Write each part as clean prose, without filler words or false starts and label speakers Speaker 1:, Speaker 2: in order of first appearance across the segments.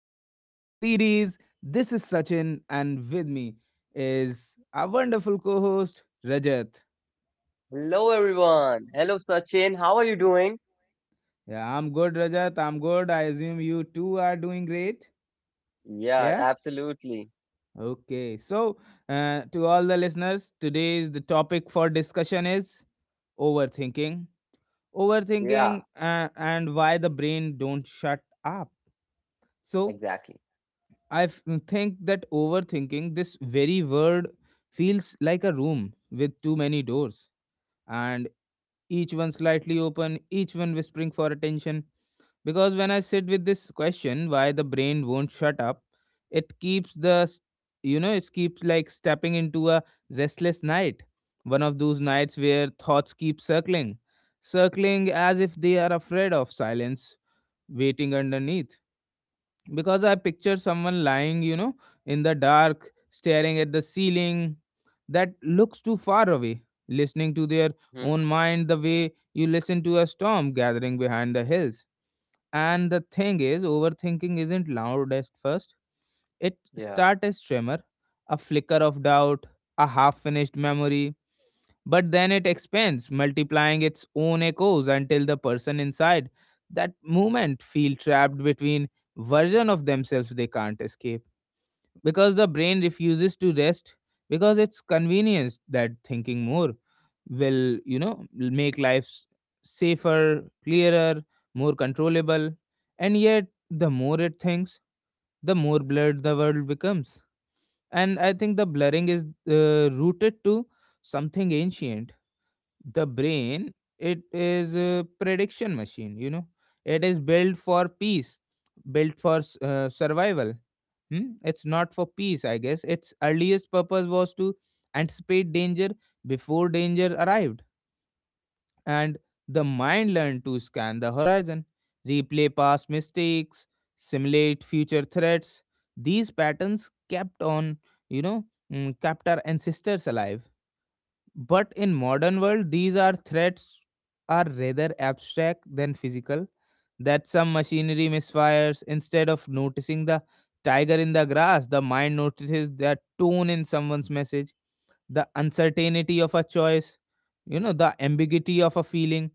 Speaker 1: to our podcast series. This is Sachin, and with me is our wonderful co host, Rajat.
Speaker 2: Hello, everyone. Hello, Sachin. How are you doing?
Speaker 1: Yeah, I'm good, Rajat. I'm good. I assume you too are doing great.
Speaker 2: Yeah,
Speaker 1: Yeah?
Speaker 2: absolutely.
Speaker 1: Okay. So, to all the listeners, today's the topic for discussion is overthinking.
Speaker 2: Yeah,
Speaker 1: Overthinking and why the brain don't shut up. So,
Speaker 2: exactly.
Speaker 1: I think that overthinking, this very word, feels like a room with too many doors, and each one slightly open, each one whispering for attention. Because when I sit with this question, why the brain won't shut up, it keeps the, s- you know, it keeps like stepping into a restless night. One of those nights where thoughts keep circling, circling as if they are afraid of silence waiting underneath, because I picture someone lying, in the dark, staring at the ceiling that looks too far away, listening to their
Speaker 2: Hmm?
Speaker 1: own mind the way you listen to a storm gathering behind the hills. And the thing is, overthinking isn't loud at first. It
Speaker 2: Yeah,
Speaker 1: starts as tremor, a flicker of doubt, a half finished memory, but then it expands, multiplying its own echoes until the person inside that moment feel trapped between version of themselves they can't escape, because the brain refuses to rest, because it's convenience that thinking more will, will make life safer, clearer, more controllable, and yet the more it thinks, the more blurred the world becomes. And I think the blurring is rooted to something ancient. The brain, it is a prediction machine, you know. It is built for peace, built for survival. Hmm? It's not for peace, I guess. Its earliest purpose was to anticipate danger before danger arrived. And the mind learned to scan the horizon, replay past mistakes, simulate future threats. These patterns kept on, you know, mm, kept our ancestors alive. But in modern world, these are threats are rather abstract than physical. That some machinery misfires. Instead of noticing the tiger in the grass, the mind notices that tone in someone's message, the uncertainty of a choice, the ambiguity of a feeling.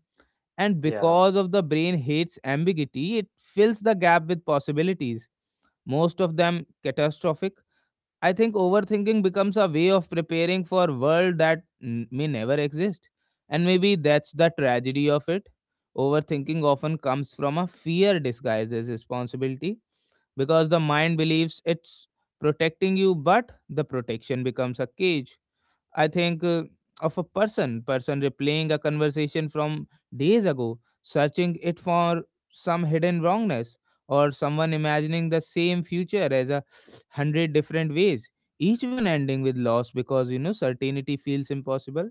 Speaker 1: And
Speaker 2: yeah,
Speaker 1: because of the brain hates ambiguity, it fills the gap with possibilities, most of them catastrophic. I think overthinking becomes a way of preparing for world that may never exist. And maybe that's the tragedy of it. Overthinking often comes from a fear disguised as responsibility, because the mind believes it's protecting you, but the protection becomes a cage. I think of a person replaying a conversation from days ago, searching it for some hidden wrongness, or someone imagining the same future as a hundred different ways, each one ending with loss because certainty feels impossible.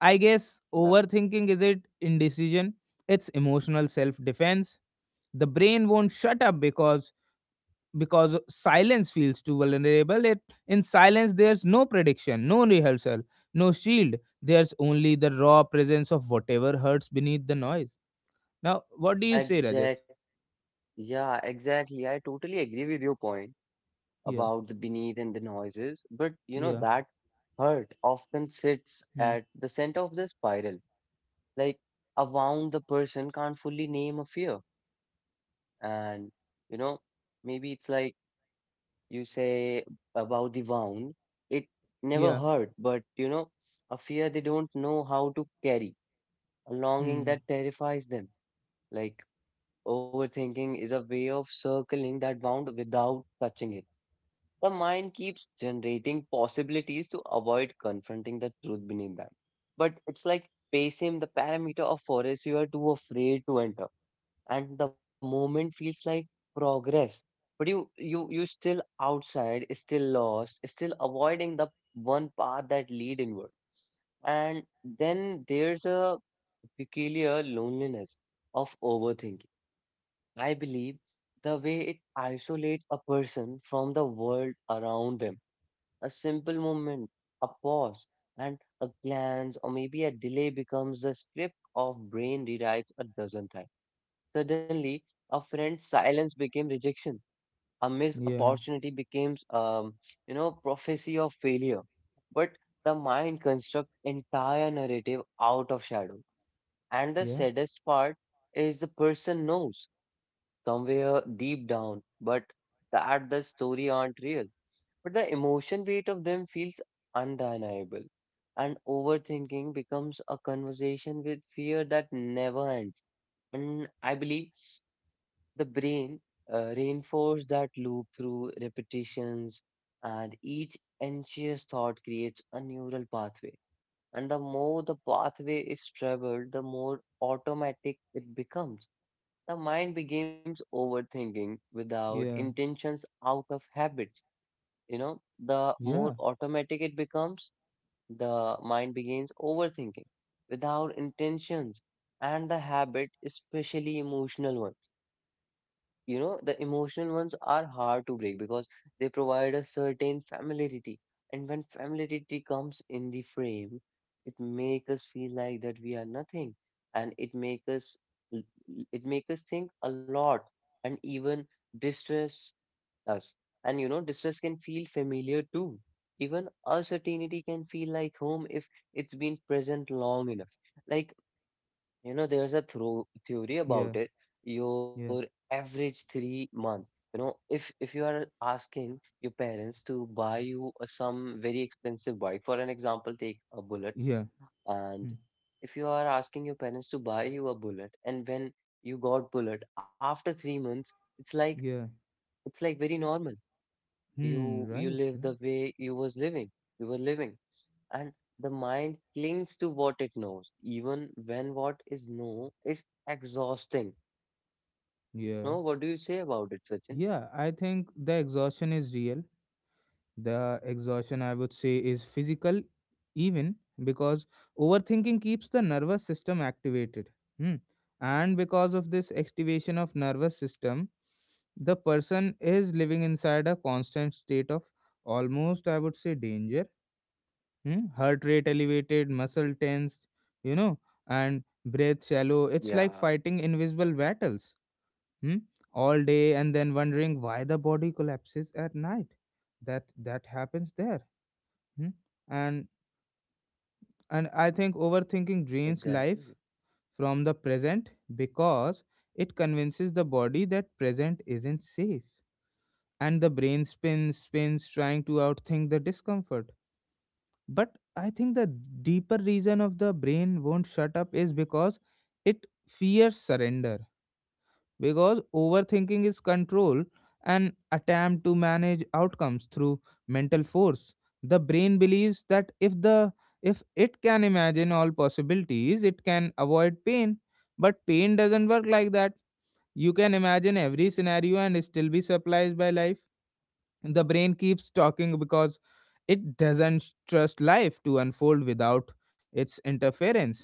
Speaker 1: I guess
Speaker 2: yeah.
Speaker 1: overthinking is it indecision, it's emotional self defense. The brain won't shut up because silence feels too vulnerable. It in silence there's no prediction, no rehearsal, no shield. There's only the raw presence of whatever hurts beneath the noise. Now, what do you say, Rajat?
Speaker 2: Exact. Yeah, exactly. I totally agree with your point
Speaker 1: Yeah,
Speaker 2: about the beneath and the noises. But
Speaker 1: yeah,
Speaker 2: that hurt often sits
Speaker 1: hmm,
Speaker 2: at the center of the spiral. Like, a wound, the person can't fully name a fear. And, you know, maybe it's like, you say about the wound, it never
Speaker 1: yeah,
Speaker 2: hurt, but a fear they don't know how to carry, a longing
Speaker 1: hmm,
Speaker 2: that terrifies them. Like overthinking is a way of circling that wound without touching it. The mind keeps generating possibilities to avoid confronting the truth beneath them. But it's like pacing the parameter of forest you are too afraid to enter, and the moment feels like progress, but you still outside, still lost, still avoiding the one path that lead inward. And then there's a peculiar loneliness of overthinking, I believe, the way it isolates a person from the world around them. A simple moment, a pause, and a glance, or maybe a delay becomes the slip of brain rewrites a dozen times. Suddenly, a friend's silence became rejection. A missed
Speaker 1: yeah,
Speaker 2: opportunity became, prophecy of failure. But the mind constructs entire narrative out of shadow. And the
Speaker 1: yeah,
Speaker 2: saddest part is the person knows somewhere deep down, but that the story aren't real. But the emotion weight of them feels undeniable. And overthinking becomes a conversation with fear that never ends. And I believe the brain reinforces that loop through repetitions, and each anxious thought creates a neural pathway. And the more the pathway is traveled, the more automatic it becomes. The mind begins overthinking without
Speaker 1: yeah,
Speaker 2: intentions out of habits. You know, the more
Speaker 1: yeah,
Speaker 2: automatic it becomes, the mind begins overthinking without intentions, and the habit, especially emotional one, the emotional ones are hard to break because they provide a certain familiarity. And when familiarity comes in the frame, it makes us feel like that we are nothing, and it makes us l- it makes us think a lot, and even distress us. And you know distress can feel familiar too, even uncertainty can feel like home if it's been present long enough. Like, you know, there's a thro theory
Speaker 1: yeah,
Speaker 2: about it. Your
Speaker 1: yeah,
Speaker 2: average 3 month. You know, if you are asking your parents to buy you a, some very expensive bike, for an example, take a bullet,
Speaker 1: yeah,
Speaker 2: and
Speaker 1: hmm,
Speaker 2: if you are asking your parents to buy you a bullet, and when you got bullet after 3 months, it's like,
Speaker 1: yeah,
Speaker 2: it's like very normal. You
Speaker 1: hmm,
Speaker 2: you
Speaker 1: right,
Speaker 2: live
Speaker 1: right,
Speaker 2: the way you was living. You were living, and the mind clings to what it knows, even when what is known is exhausting. No, what
Speaker 1: yeah,
Speaker 2: do you say about it, Sachin?
Speaker 1: yeah. I think the exhaustion is real. The exhaustion, I would say, is physical, even, because overthinking keeps the nervous system activated. Hmm. And because of this activation of nervous system, the person is living inside a constant state of, almost, I would say, danger. Hmm. Heart rate elevated, muscle tensed, you know, and breath shallow. It's like
Speaker 2: Yeah,
Speaker 1: fighting invisible battles, hmm, all day and then wondering why the body collapses at night. That happens there. Hmm? And and I think overthinking drains life
Speaker 2: exactly.
Speaker 1: from the present, because it convinces the body that present isn't safe, and the brain spins trying to outthink the discomfort. But I think the deeper reason of the brain won't shut up is because it fears surrender, because overthinking is control, an attempt to manage outcomes through mental force. The brain believes that if it can imagine all possibilities it can avoid pain. But pain doesn't work like that. You can imagine every scenario and still be surprised by life. The brain keeps talking because it doesn't trust life to unfold without its interference.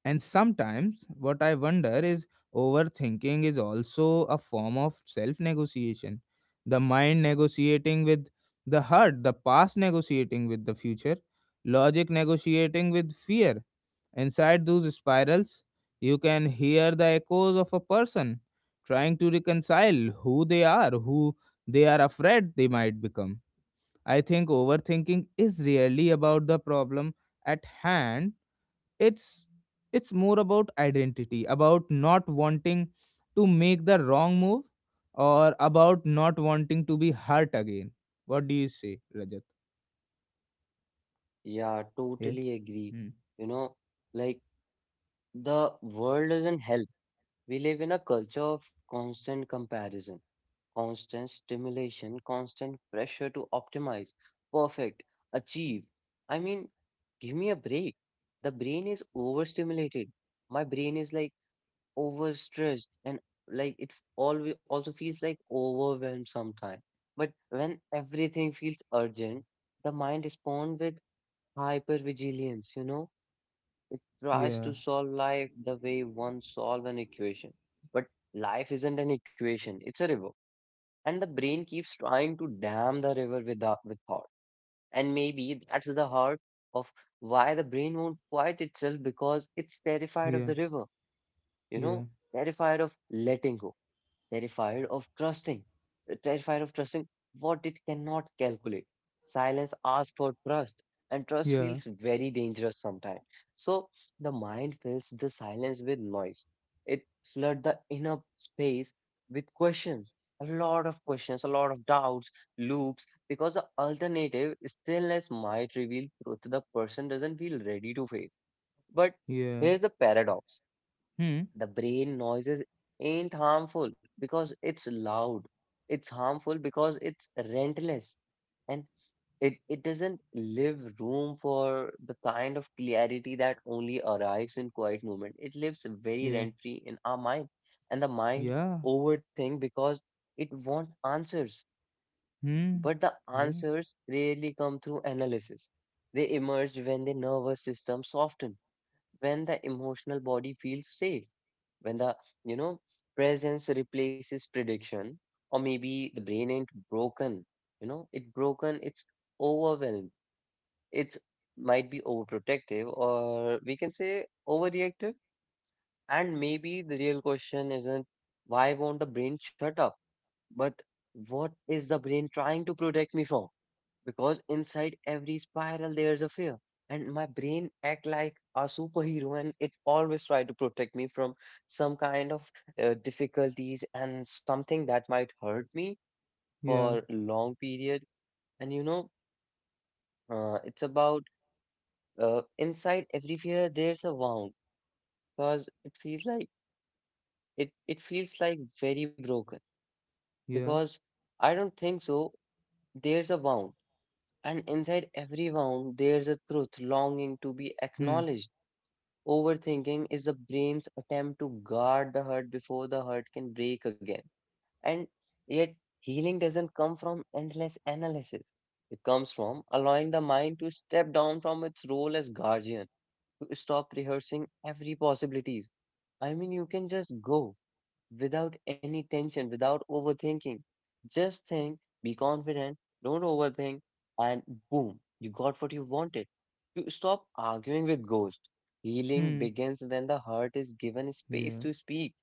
Speaker 1: And sometimes what I wonder is, overthinking is also a form of self negotiation. The mind negotiating with the heart, the past negotiating with the future, logic negotiating with fear. Inside those spirals, you can hear the echoes of a person trying to reconcile who they are afraid they might become. I think overthinking is really about the problem at hand. it's it's more about identity, about not wanting to make the wrong move, or about not wanting to be hurt again. What do you say, Rajat?
Speaker 2: Yeah,
Speaker 1: Yeah,
Speaker 2: totally agree.
Speaker 1: hmm,
Speaker 2: You know, like the world doesn't help. We live in a culture of constant comparison, constant stimulation, constant pressure to optimize, perfect, achieve. I mean, give me a break. The brain is overstimulated. My brain is like overstressed, and like it always also feels like overwhelmed sometimes. But when everything feels urgent, the mind responds with hypervigilance, you know? It tries
Speaker 1: yeah,
Speaker 2: to solve life the way one solve an equation. But life isn't an equation, it's a river. And the brain keeps trying to dam the river without with thought. And maybe that's the heart of why the brain won't quiet itself because it's terrified of
Speaker 1: yeah,
Speaker 2: the river, you
Speaker 1: yeah,
Speaker 2: know, terrified of letting go, terrified of trusting, terrified of trusting what it cannot calculate. Silence asks for trust, and trust
Speaker 1: yeah,
Speaker 2: feels very dangerous sometimes. So the mind fills the silence with noise. It floods the inner space with questions, a lot of questions, a lot of doubts, loops, because the alternative stillness might reveal truth the person doesn't feel ready to face. But
Speaker 1: yeah,
Speaker 2: here's the paradox:
Speaker 1: hmm,
Speaker 2: the brain noises ain't harmful because it's loud. It's harmful because it's rentless, and it doesn't leave room for the kind of clarity that only arrives in quiet movement. It lives very
Speaker 1: yeah,
Speaker 2: rent free in our mind. And the mind
Speaker 1: yeah,
Speaker 2: overthink because it wants answers. But
Speaker 1: hmm,
Speaker 2: the
Speaker 1: right,
Speaker 2: answers rarely come through analysis. They emerge when the nervous system softens, when the emotional body feels safe, when the, you know, presence replaces prediction. Or maybe the brain ain't broken, you know it broken, it's overwhelmed, it's might be overprotective, or we can say overreactive. And maybe the real question isn't why won't the brain shut up, but what is the brain trying to protect me from? Because inside every spiral there's a fear, and my brain act like a superhero, and it always try to protect me from some kind of difficulties and something that might hurt me
Speaker 1: yeah,
Speaker 2: for long period. And you know, it's about inside every fear there's a wound. Because it feels like, it feels like very broken
Speaker 1: yeah,
Speaker 2: because I don't think so, there's a wound, and inside every wound there's a truth longing to be
Speaker 1: hmm,
Speaker 2: acknowledged. Overthinking is the brain's attempt to guard the hurt before the hurt can break again. And yet, healing doesn't come from endless analysis. It comes from allowing the mind to step down from its role as guardian, to stop rehearsing every possibilities. I mean, you can just go without any tension, without overthinking. Just think, be confident, don't overthink, and boom, you got what you wanted. You stop arguing with ghosts. Healing
Speaker 1: hmm,
Speaker 2: begins when the heart is given space
Speaker 1: yeah,
Speaker 2: to speak.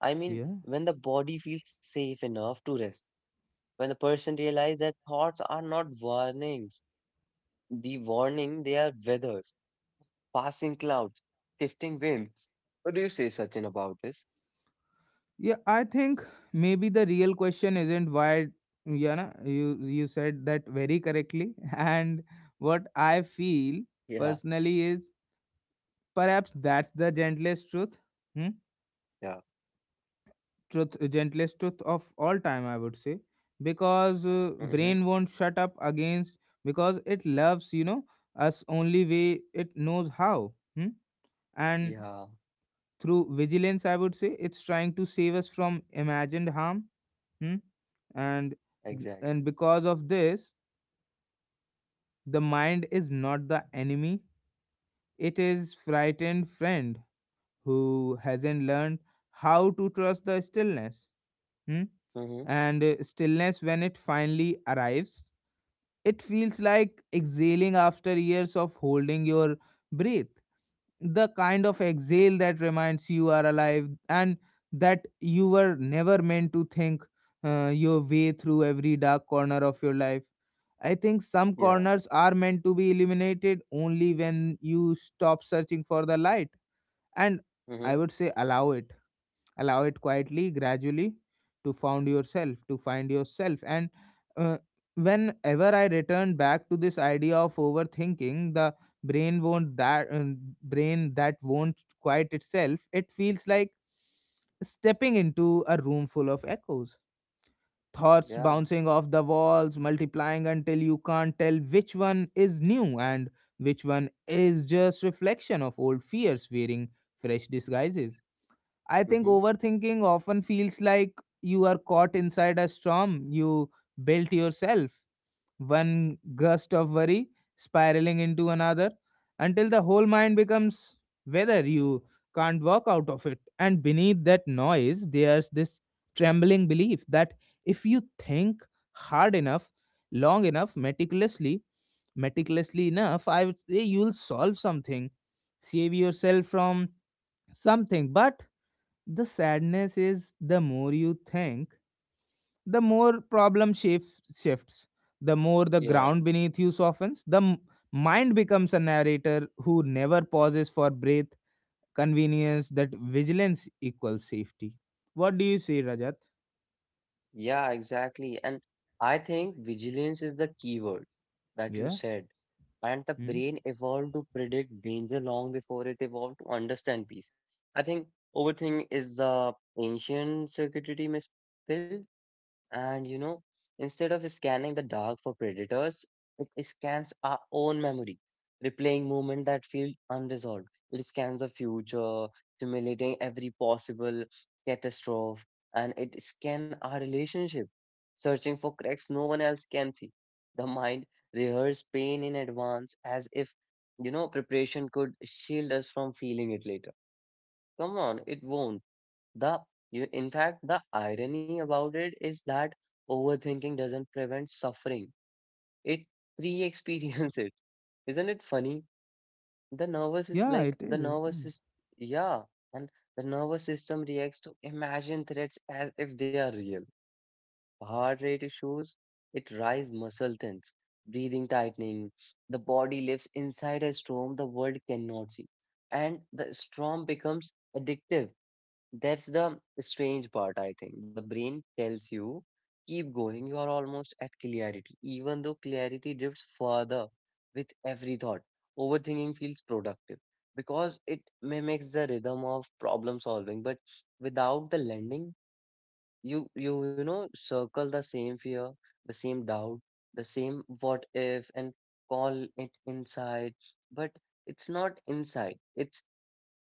Speaker 2: I mean,
Speaker 1: yeah.
Speaker 2: when the body feels safe enough to rest, when the person realizes that thoughts are not warnings, the warning they are weathers, passing clouds, shifting winds. What do you say, Sachin, about this?
Speaker 1: Yeah, I think maybe the real question isn't why. You know, you said that very correctly and what I feel
Speaker 2: Yeah,
Speaker 1: personally is perhaps that's the gentlest truth, hmm?
Speaker 2: yeah,
Speaker 1: Truth, gentlest truth of all time, I would say, because
Speaker 2: mm-hmm,
Speaker 1: brain won't shut up against because it loves, you know, us only way it knows how, hmm? And
Speaker 2: yeah.
Speaker 1: through vigilance, I would say, it's trying to save us from imagined harm, hmm? and
Speaker 2: Exactly.
Speaker 1: and because of this, the mind is not the enemy. It is frightened friend who hasn't learned how to trust the stillness, hmm?
Speaker 2: Mm-hmm.
Speaker 1: And stillness, when it finally arrives, it feels like exhaling after years of holding your breath. The kind of exhale that reminds you are alive and that you were never meant to think your way through every dark corner of your life. I think some
Speaker 2: Yeah.
Speaker 1: corners are meant to be illuminated only when you stop searching for the light. And
Speaker 2: Mm-hmm.
Speaker 1: I would say allow it, allow it quietly, gradually, to found yourself, to find yourself. And uh, whenever I return back to this idea of overthinking, the brain won't that um, brain that won't quiet itself, it feels like stepping into a room full of echoes,
Speaker 2: Yeah.
Speaker 1: thoughts bouncing off the walls multiplying until you can't tell which one is new and which one is just reflection of old fears wearing fresh disguises. I think
Speaker 2: Mm-hmm.
Speaker 1: overthinking often feels like you are caught inside a storm you built yourself. One gust of worry spiraling into another until the whole mind becomes whether you can't walk out of it. And beneath that noise, there's this trembling belief that if you think hard enough, long enough, meticulously enough, I would say, you'll solve something, save yourself from something. But the sadness is, the more you think, the more problem shifts, the more the
Speaker 2: Yeah.
Speaker 1: ground beneath you softens, the mind becomes a narrator who never pauses for breath, convenience that vigilance equals safety. What do you say, Rajat?
Speaker 2: Yeah, exactly. And I think vigilance is the key word that you
Speaker 1: Yeah?
Speaker 2: said. And the
Speaker 1: Hmm?
Speaker 2: brain evolved to predict danger long before it evolved to understand peace. I think overthink is the ancient circuitry misspell. And you know, instead of scanning the dark for predators, it scans our own memory, replaying moments that feel unresolved. It scans the future, simulating every possible catastrophe, and it scans our relationship, searching for cracks no one else can see. The mind rehearses pain in advance as if, you know, preparation could shield us from feeling it later. Come on, it won't. The in fact, the irony about it is that overthinking doesn't prevent suffering. It pre-experience it. Isn't it funny? The nervous is
Speaker 1: Yeah,
Speaker 2: like
Speaker 1: it
Speaker 2: the
Speaker 1: is. It
Speaker 2: nervous
Speaker 1: is.
Speaker 2: is, yeah, and the nervous system reacts to imagined threats as if they are real. Heart rate issues, it rise muscle tense, breathing tightening. The body lives inside a storm the world cannot see, and the storm becomes addictive. That's the strange part, I think. The brain tells you, keep going, you are almost at clarity, even though clarity drifts further with every thought. Overthinking feels productive because it mimics the rhythm of problem solving, but without the landing, you know, circle the same fear, the same doubt, the same what if, and call it insight. But it's not insight. It's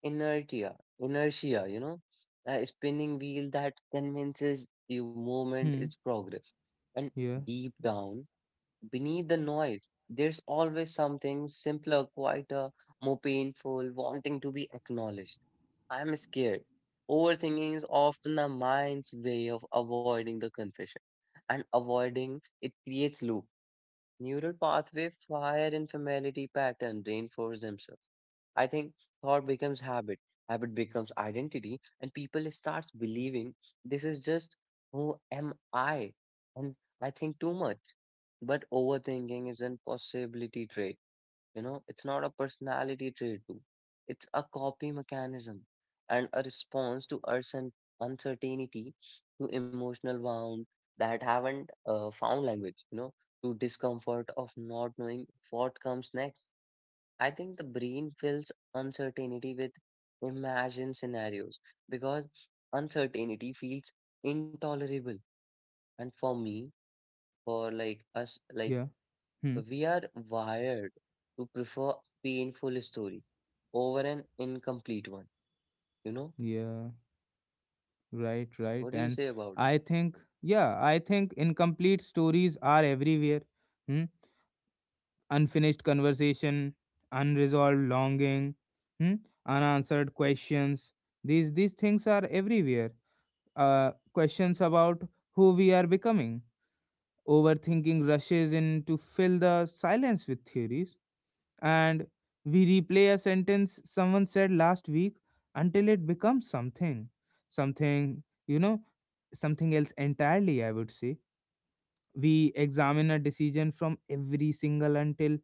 Speaker 2: inertia, inertia, you know, a spinning wheel that convinces you movement
Speaker 1: Hmm.
Speaker 2: is progress. And
Speaker 1: Yeah.
Speaker 2: deep down, beneath the noise, there's always something simpler, quieter, more painful, wanting to be acknowledged. I'm scared. Overthinking is often our mind's way of avoiding the confession. And avoiding it creates loop. Neural pathway fire and familiarity pattern reinforce themselves. I think thought becomes habit, habit becomes identity, and people starts believing this is just who am I, and I think too much. But overthinking is an possibility trait. You know, it's not a personality trait too. It's a copy mechanism and a response to uncertainty, to emotional wound that haven't found language. You know, to discomfort of not knowing what comes next. I think the brain fills uncertainty with imagined scenarios because uncertainty feels intolerable. And for me, for like us, like
Speaker 1: Yeah. Hmm.
Speaker 2: we are wired to prefer painful story over an incomplete one. You know,
Speaker 1: Yeah, right, right.
Speaker 2: what do you
Speaker 1: And
Speaker 2: say about it?
Speaker 1: I think, yeah, I think incomplete stories are everywhere. Hmm. Unfinished conversation, unresolved longing, hmm, unanswered questions. These things are everywhere. Questions about who we are becoming. Overthinking rushes in to fill the silence with theories, and we replay a sentence someone said last week until it becomes something, something, you know, something else entirely, I would say. We examine a decision from every single until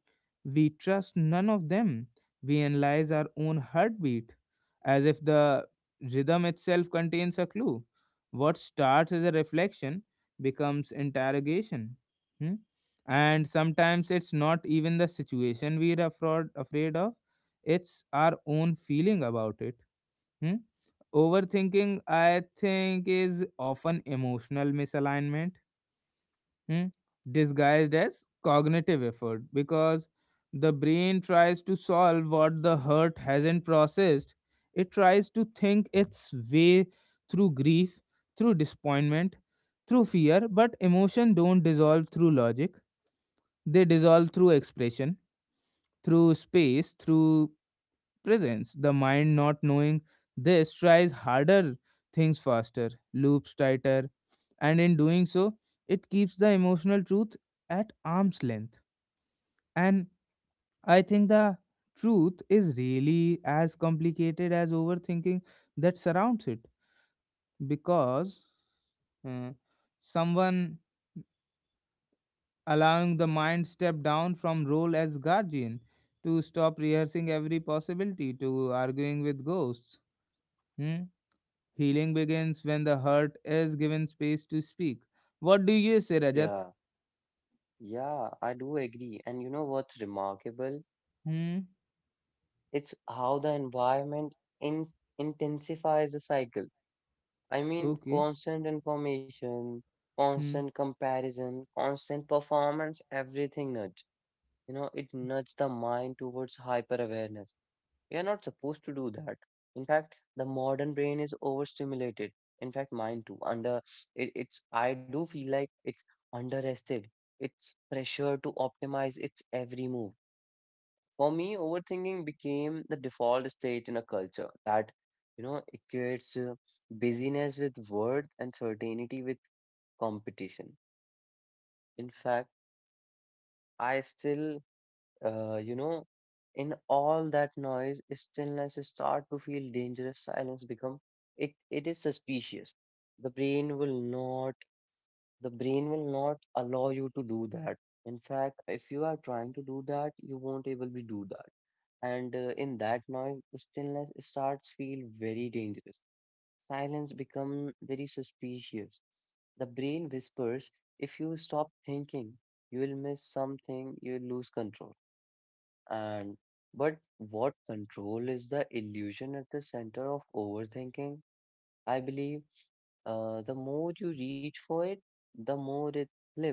Speaker 1: we trust none of them. We analyze our own heartbeat as if the rhythm itself contains a clue. What starts as a reflection becomes interrogation. Hmm? And sometimes it's not even the situation we're afraid of, it's our own feeling about it. Hmm? Overthinking, I think, is often emotional misalignment, hmm, disguised as cognitive effort, because the brain tries to solve what the hurt hasn't processed. It tries to think its way through grief, through disappointment, through fear, but emotion don't dissolve through logic. They dissolve through expression, through space, through presence. The mind, not knowing this, tries harder, things faster, loops tighter, and in doing so, it keeps the emotional truth at arm's length. And I think the truth is really as complicated as overthinking that surrounds it, because uh, someone allowing the mind step down from role as guardian, to stop rehearsing every possibility, to arguing with ghosts, hmm? Healing begins when the heart is given space to speak. What do you say,
Speaker 2: Yeah,
Speaker 1: Rajat?
Speaker 2: yeah, I do agree. And you know what's remarkable?
Speaker 1: Hmm.
Speaker 2: It's how the environment in intensifies the cycle. I mean,
Speaker 1: Okay.
Speaker 2: constant information,
Speaker 1: Hmm.
Speaker 2: constant comparison, constant performance, everything nudge. You know, it nudges the mind towards hyper awareness. We are not supposed to do that. In fact, the modern brain is overstimulated. In fact, mine too. Under it, it's, I do feel like it's underrested. It's pressure to optimize its every move. For me, overthinking became the default state in a culture that, you know, equates busyness with worth and certainty with competition. In fact, I still, you know, in all that noise, stillness start to feel dangerous. Silence become it. It is suspicious. The brain will not the brain will not allow you to do that. In fact, if you are trying to do that, you won't able to do that. And In that noise, stillness starts feel very dangerous. Silence become very suspicious. The brain whispers, if you stop thinking, you will miss something, you will lose control. And but what control is the illusion at the center of overthinking? I believe the more you reach for it, the more it flips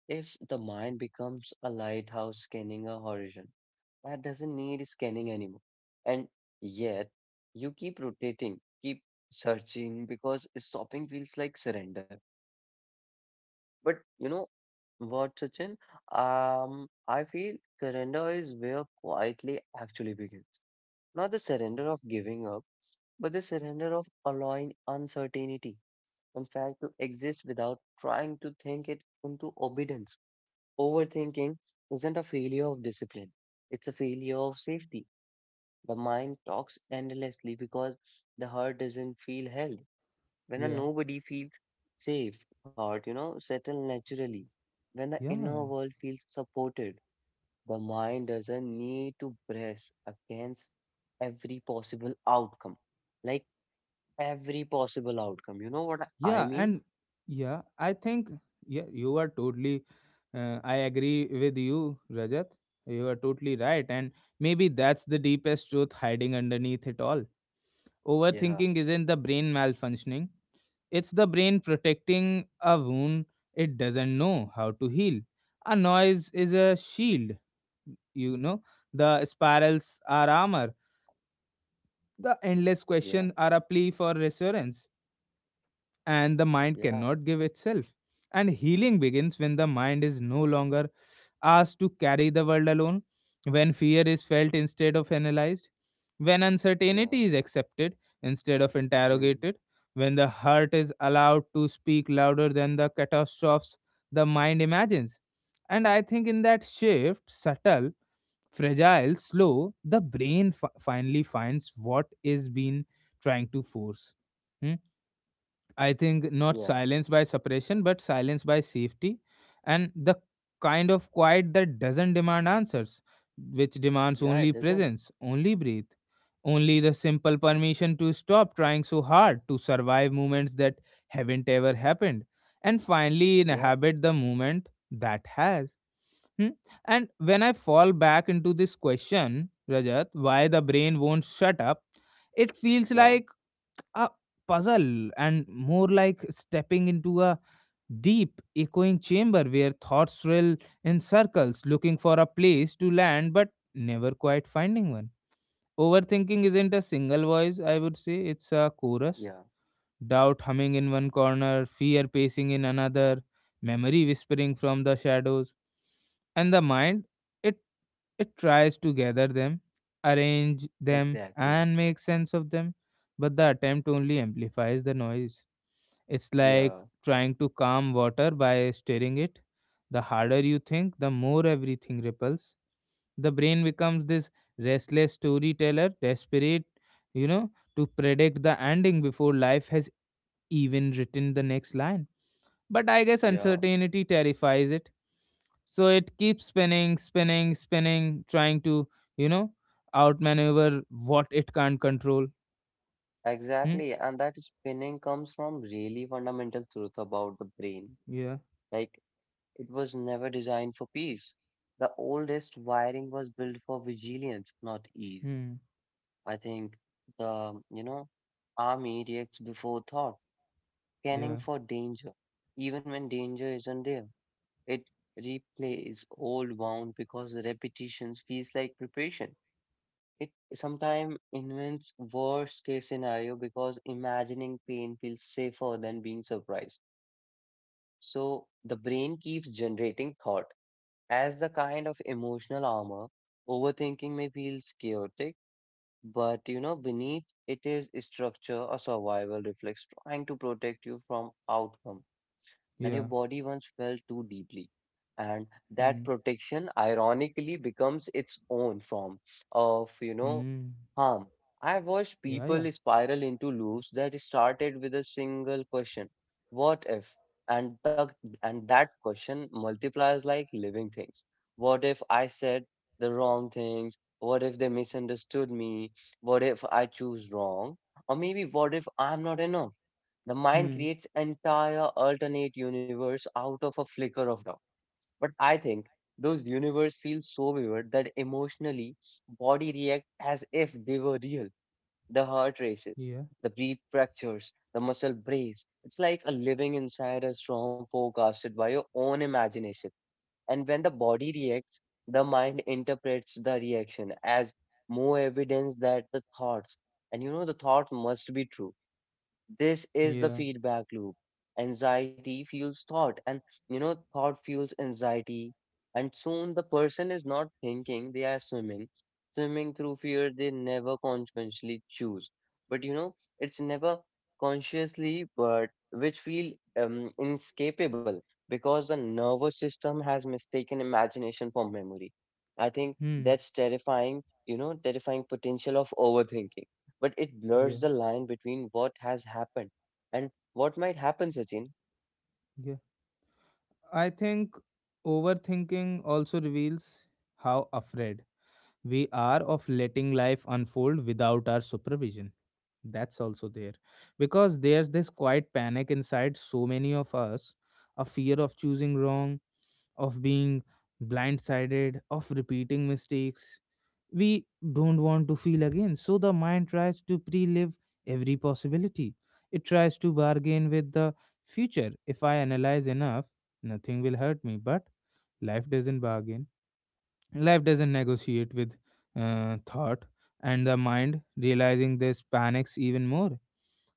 Speaker 2: if the mind becomes a lighthouse scanning a horizon, that doesn't need scanning anymore. And yet, you keep rotating, keep searching because stopping feels like surrender. But you know what, Sachin? I feel surrender is where quietly actually begins. Not the surrender of giving up, but the surrender of allowing uncertainty, in fact, to exist without trying to think it into obedience. Overthinking isn't a failure of discipline, it's a failure of safety. The mind talks endlessly because the heart doesn't feel held. When a
Speaker 1: Yeah.
Speaker 2: nobody feels safe, heart, you know, settle naturally. When the inner
Speaker 1: Yeah.
Speaker 2: world feels supported, the mind doesn't need to brace against every possible outcome. Like every possible outcome. You know what I
Speaker 1: Yeah.
Speaker 2: mean?
Speaker 1: And yeah, I think, yeah, you are totally. I agree with you, Rajat. You are totally right, and maybe that's the deepest truth hiding underneath it all.
Speaker 2: Yeah,
Speaker 1: Overthinking isn't the brain malfunctioning; it's the brain protecting a wound it doesn't know how to heal. A noise is a shield, you know the spirals are armor, the endless
Speaker 2: yeah,
Speaker 1: questions are a plea for reassurance and the mind
Speaker 2: yeah,
Speaker 1: cannot give itself, and healing begins when the mind is no longer asked to carry the world alone, when fear is felt instead of analyzed, when
Speaker 2: yeah.
Speaker 1: uncertainty is accepted instead of
Speaker 2: Mhm.
Speaker 1: interrogated, when the heart is allowed to speak louder than the catastrophes the mind imagines. And I think in that shift, subtle, fragile, slow, the brain finally finds what is been trying to force. Hmm? I think not
Speaker 2: Yeah,
Speaker 1: silence by suppression, but silence by safety, and the kind of quiet that doesn't demand answers, which
Speaker 2: yeah,
Speaker 1: demands
Speaker 2: it
Speaker 1: only
Speaker 2: doesn't.
Speaker 1: presence, only breathe, only the simple permission to stop trying so hard to survive moments that haven't ever happened, and finally
Speaker 2: Yeah,
Speaker 1: inhabit the moment that has. Hmm? And when I fall back into this question, Rajat, why the brain won't shut up, it feels
Speaker 2: yeah,
Speaker 1: like a puzzle and more like stepping into a deep, echoing chamber where thoughts swirl in circles, looking for a place to land but never quite finding one. Overthinking isn't a single voice, I would say, it's a chorus,
Speaker 2: yeah,
Speaker 1: doubt humming in one corner, fear pacing in another, memory whispering from the shadows, and the mind, it it tries to gather them, arrange them,
Speaker 2: exactly.
Speaker 1: and make sense of them, but the attempt only amplifies the noise. It's like
Speaker 2: Yeah,
Speaker 1: trying to calm water by stirring it. The harder you think, the more everything ripples. The brain becomes this restless storyteller, desperate, you know, to predict the ending before life has even written the next line. But I guess
Speaker 2: yeah,
Speaker 1: uncertainty terrifies it. So it keeps spinning, spinning, spinning, trying to, you know, outmaneuver what it can't control. Hmm?
Speaker 2: exactly. And that spinning comes from really fundamental truth about the brain.
Speaker 1: Yeah.
Speaker 2: Like it was never designed for peace. The oldest wiring was built for vigilance, not ease.
Speaker 1: Hmm.
Speaker 2: I think the, you know, army reacts before thought, scanning
Speaker 1: Yeah.
Speaker 2: for danger, even when danger isn't there. It replays old wound because repetitions feels like preparation. It sometimes invents worst case scenario because imagining pain feels safer than being surprised. So the brain keeps generating thought as the kind of emotional armor. Overthinking may feel chaotic, but you know, beneath it is structure a survival reflex trying to protect you from outcome and your
Speaker 1: Yeah.
Speaker 2: body once felt too deeply. And that
Speaker 1: Hmm.
Speaker 2: protection ironically becomes its own form of, you know,
Speaker 1: Hmm.
Speaker 2: harm. I've watched
Speaker 1: Yeah. Yeah.
Speaker 2: people spiral into loops that started with a single question, what if? And, the, and that question multiplies like living things. What if I said the wrong things? What if they misunderstood me? What if I choose wrong? Or maybe what if I'm not enough? The mind
Speaker 1: Hmm.
Speaker 2: creates entire alternate universe out of a flicker of doubt. But I think those universe feel so vivid that emotionally body react as if they were real. The heart races,
Speaker 1: Yeah.
Speaker 2: the breath fractures, the muscle breaks. It's like a living inside a storm forecasted by your own imagination. And when the body reacts, the mind interprets the reaction as more evidence that the thoughts and you know the thoughts must be true this is the
Speaker 1: Yeah.
Speaker 2: feedback loop. Anxiety fuels thought, and you know, thought fuels anxiety. And soon the person is not thinking, they are swimming, swimming through fear they never consciously choose. But you know, it's never consciously, but which feel inescapable because the nervous system has mistaken imagination for memory. I think
Speaker 1: Hmm.
Speaker 2: that's terrifying, you know, terrifying potential of overthinking but it
Speaker 1: Yeah.
Speaker 2: blurs the line between what has happened and what might happen, Sachin.
Speaker 1: Yeah. I think overthinking also reveals how afraid we are of letting life unfold without our supervision. That's also there. Because there's this quiet panic inside so many of us, a fear of choosing wrong, of being blindsided, of repeating mistakes we don't want to feel again. So the mind tries to pre live every possibility. It tries to bargain with the future. If I analyze enough, nothing will hurt me. But life doesn't bargain. Life doesn't negotiate with thought, and the mind, realizing this, panics even more.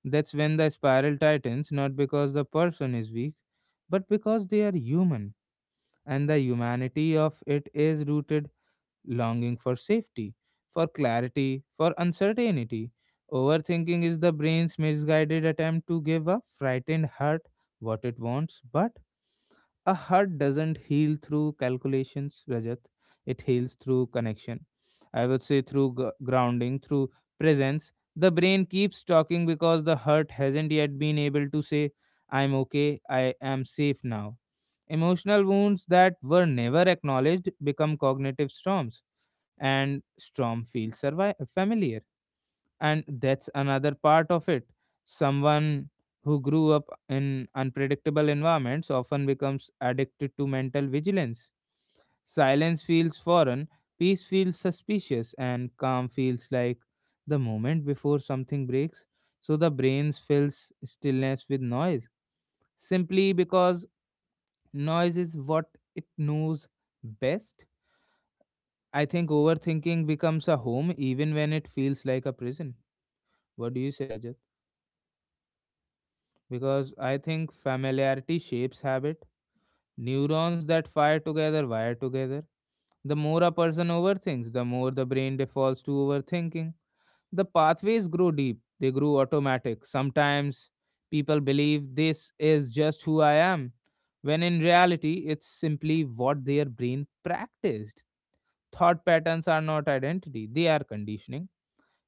Speaker 1: That's when the spiral tightens, not because the person is weak, but because they are human, and the humanity of it is rooted longing for safety, for clarity, for uncertainty. Overthinking is the brain's misguided attempt to give a frightened heart what it wants, but a hurt doesn't heal through calculations, Rajat. It heals through connection. I would say through grounding, through presence. The brain keeps talking because the hurt hasn't yet been able to say, I'm okay, I am safe now. Emotional wounds that were never acknowledged become cognitive storms, and storm feels familiar, and that's another part of it. Someone who grew up in unpredictable environments often becomes addicted to mental vigilance. Silence feels foreign, peace feels suspicious, and calm feels like the moment before something breaks, so the brain fills stillness with noise simply because noise is what it knows best. I think overthinking becomes a home even when it feels like a prison. What do you say, Rajat? Because I think familiarity shapes habit. Neurons that fire together wire together. The more a person overthinks, the more the brain defaults to overthinking. The pathways grow deep, they grow automatic. Sometimes people believe this is just who I am, when in reality, it's simply what their brain practiced. Thought patterns are not identity, they are conditioning.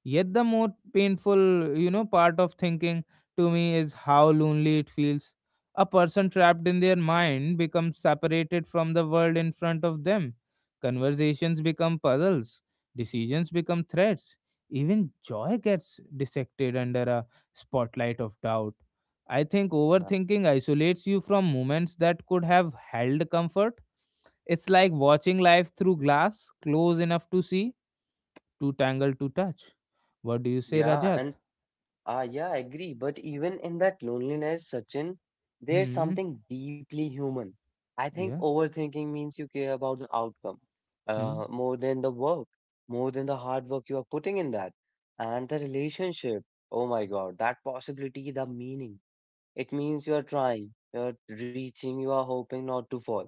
Speaker 1: Yet the more painful, part of thinking to me is how lonely it feels. A person trapped in their mind becomes separated from the world in front of them. Conversations become puzzles, decisions become threats. Even joy gets dissected under a spotlight of doubt. I think
Speaker 2: Yeah.
Speaker 1: overthinking isolates you from moments that could have held comfort. It's like watching life through glass, close enough to see, too tangled to touch. What do you say,
Speaker 2: Yeah,
Speaker 1: Rajat?
Speaker 2: and yeah, I agree. But even in that loneliness, Sachin, there's
Speaker 1: Hmm.
Speaker 2: something deeply human. I think
Speaker 1: Yeah.
Speaker 2: overthinking means you care about the outcome
Speaker 1: Hmm.
Speaker 2: more than the work, more than the hard work you are putting in that. And the relationship, oh my God, that possibility, the meaning. It means you are trying, you are reaching, you are hoping not to fall.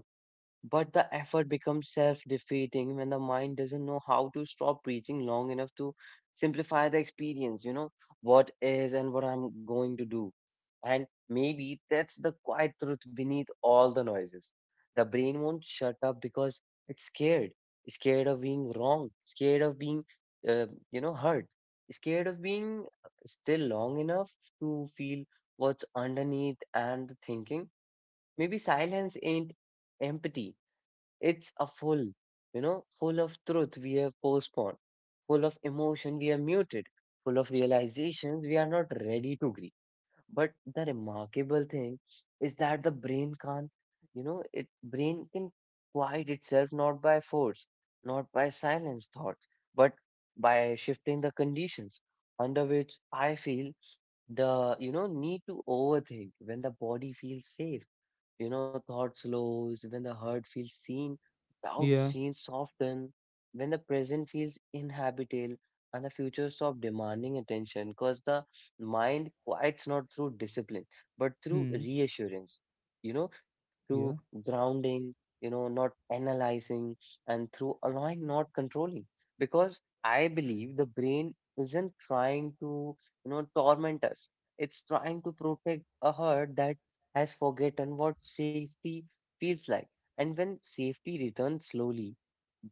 Speaker 2: But the effort becomes self defeating when the mind doesn't know how to stop preaching long enough to simplify the experience, you know, what is and what I'm going to do. And maybe that's the quiet truth beneath all the noises. The brain won't shut up because it's scared, scared of being wrong, scared of being hurt, scared of being still long enough to feel what's underneath and the thinking. Maybe silence ain't empty it's a full, you know, full of truth we have postponed, full of emotion we are muted, full of realizations we are not ready to grieve. But the remarkable thing is that the brain can't, you know, it brain can quiet itself not by force, not by silence thoughts, but by shifting the conditions under which I feel the you know need to overthink when the body feels safe you know, thought slows, when the heart feels seen, doubt
Speaker 1: Yeah.
Speaker 2: seems soften, when the present feels inhabitable and the future stop demanding attention because the mind quiets not through discipline but through
Speaker 1: Hmm.
Speaker 2: reassurance, you know, through
Speaker 1: Yeah.
Speaker 2: grounding, you know, not analyzing and through allowing, not controlling. Because I believe the brain isn't trying to, you know, torment us. It's trying to protect a heart that has forgotten what safety feels like. And when safety returns slowly,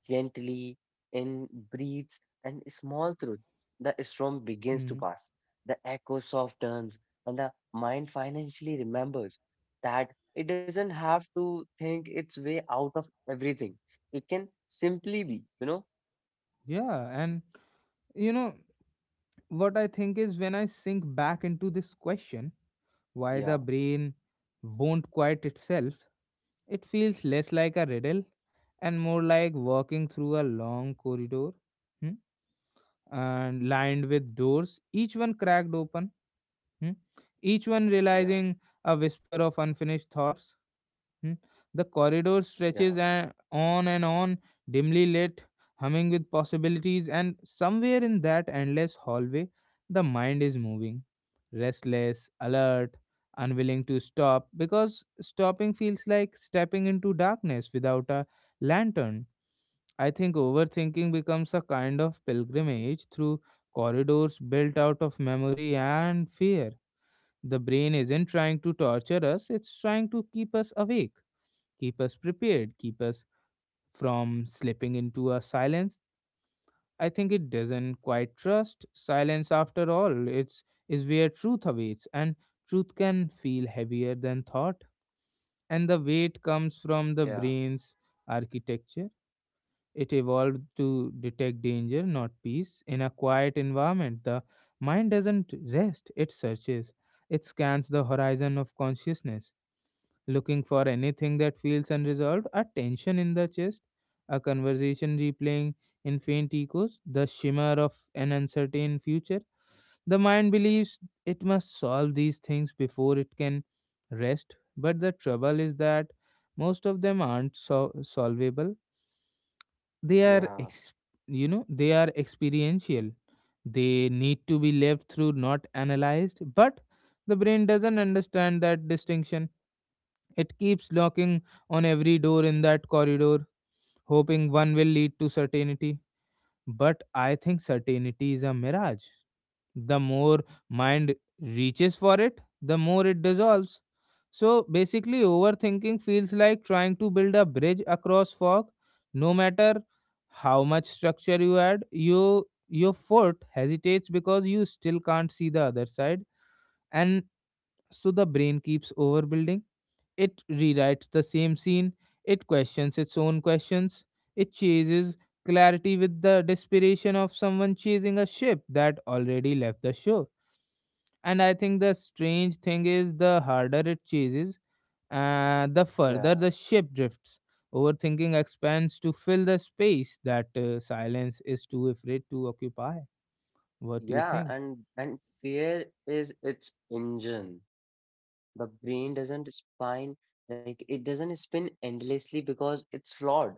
Speaker 2: gently, in breaths and small truth, the storm begins to
Speaker 1: Hmm.
Speaker 2: pass. The echo softens, and the mind financially remembers that it doesn't have to think its way out of everything. It can simply be, you know?
Speaker 1: Yeah. And you know what I think is when I sink back into this question, why
Speaker 2: Yeah,
Speaker 1: the brain won't quiet itself, it feels less like a riddle and more like walking through a long corridor, hmm, and lined with doors, each one cracked open, hmm, each one
Speaker 2: yeah,
Speaker 1: realizing a whisper of unfinished thoughts. Hmm. The corridor
Speaker 2: yeah,
Speaker 1: stretches on and on, dimly lit, humming with possibilities, and somewhere in that endless hallway, the mind is moving. Restless, alert, unwilling to stop, because stopping feels like stepping into darkness without a lantern. I think overthinking becomes a kind of pilgrimage through corridors built out of memory and fear. The brain isn't trying to torture us, it's trying to keep us awake, keep us prepared, keep us from slipping into a silence. I think it doesn't quite trust silence after all. It's is where truth awaits, and truth can feel heavier than thought. And the weight comes from the
Speaker 2: yeah,
Speaker 1: brain's architecture. It evolved to detect danger, not peace. In a quiet environment, the mind doesn't rest, it searches. It scans the horizon of consciousness looking for anything that feels unresolved, a tension in the chest, a conversation replaying in faint echoes, the shimmer of an uncertain future. The mind believes it must solve these things before it can rest, but the trouble is that most of them aren't solvable. They are,
Speaker 2: yeah,
Speaker 1: experiential. They need to be lived through, not analyzed. But the brain doesn't understand that distinction, it keeps knocking on every door in that corridor, hoping one will lead to certainty. But I think certainty is a mirage. The more mind reaches for it, the more it dissolves. So basically, overthinking feels like trying to build a bridge across fog. No matter how much structure you add, your foot hesitates because you still can't see the other side, and so the brain keeps overbuilding, it rewrites the same scene, it questions its own questions, it chases clarity with the desperation of someone chasing a ship that already left the shore. And I think the strange thing is the harder it chases, the
Speaker 2: yeah.
Speaker 1: further the ship drifts. Overthinking expands to fill the space that silence is too afraid to occupy. What do you
Speaker 2: Yeah,
Speaker 1: think?
Speaker 2: and fear is its engine. The brain doesn't spin like it doesn't spin endlessly because it's flawed.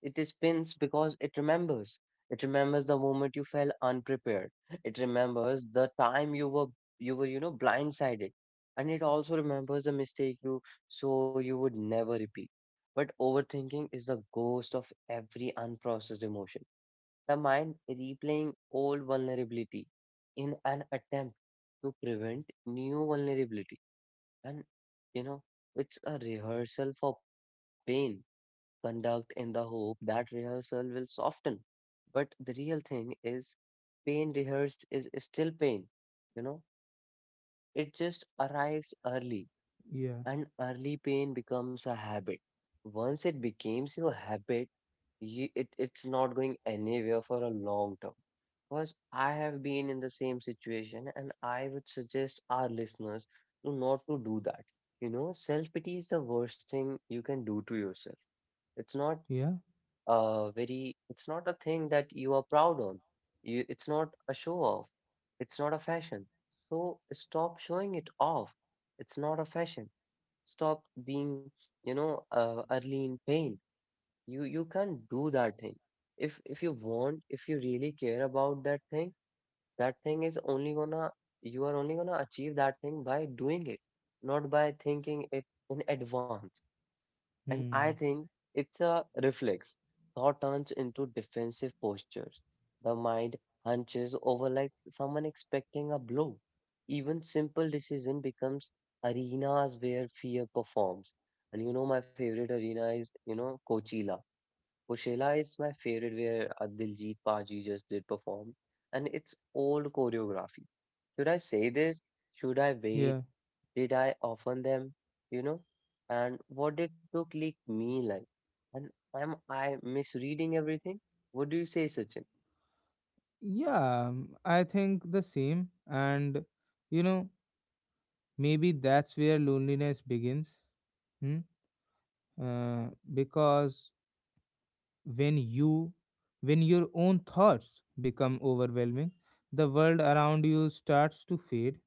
Speaker 2: It spins because it remembers. It remembers the moment you fell unprepared. It remembers the time you were blindsided. And it also remembers the mistake you so you would never repeat. But overthinking is the ghost of every unprocessed emotion. The mind replaying old vulnerability in an attempt to prevent new vulnerabilities. And you know, it's a rehearsal for pain, conduct in the hope that rehearsal will soften. But the real thing is, pain rehearsed is still pain. You know, it just arrives early.
Speaker 1: Yeah.
Speaker 2: And early pain becomes a habit. Once it becomes your habit, it's not going anywhere for a long term. Because I have been in the same situation, and I would suggest our listeners to not to do that. You know, self-pity is the worst thing you can do to yourself. It's not
Speaker 1: Yeah.
Speaker 2: it's not a thing that you are proud on. It's not a show off. It's not a fashion. So stop showing it off. It's not a fashion stop being early in pain you can't do that thing if you want if you really care about that thing is only gonna you are only gonna achieve that thing by doing it not by thinking it in advance and I
Speaker 1: Hmm.
Speaker 2: think it's a reflex. Thought turns into defensive postures. The mind hunches over like someone expecting a blow. Even simple decision becomes arenas where fear performs. And you know my favorite arena is, you know, Coachella. Coachella is my favorite where Diljit Paji just did perform. And it's old choreography. Should I say this? Should I wait?
Speaker 1: Yeah.
Speaker 2: Did I offer them, you know, and what did took leak me like? And am I misreading everything? What do you say, Sachin?
Speaker 1: Yeah. I think the same. And, you know, maybe that's where loneliness begins. Hmm? Uh, because when you when your own thoughts become overwhelming, the world around you starts to fade.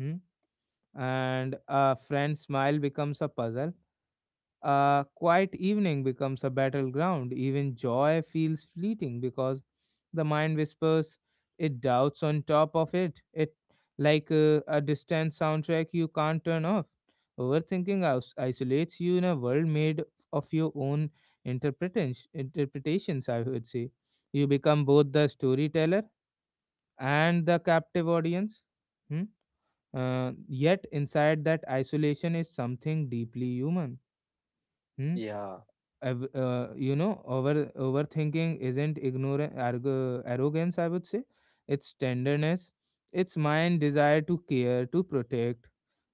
Speaker 1: Hmm? And a friend's smile becomes a puzzle. A quiet evening becomes a battleground. Even joy feels fleeting because the mind whispers it doubts on top of it. It like a distant soundtrack you can't turn off. Overthinking isolates you in a world made of your own interpretations. Interpretations, I would say, you become both the storyteller and the captive audience. Hmm? Yet inside that isolation is something deeply human. Hmm?
Speaker 2: Yeah,
Speaker 1: I've, you know, over overthinking isn't ignorant arrogance. I would say it's tenderness. It's mind desire to care, to protect,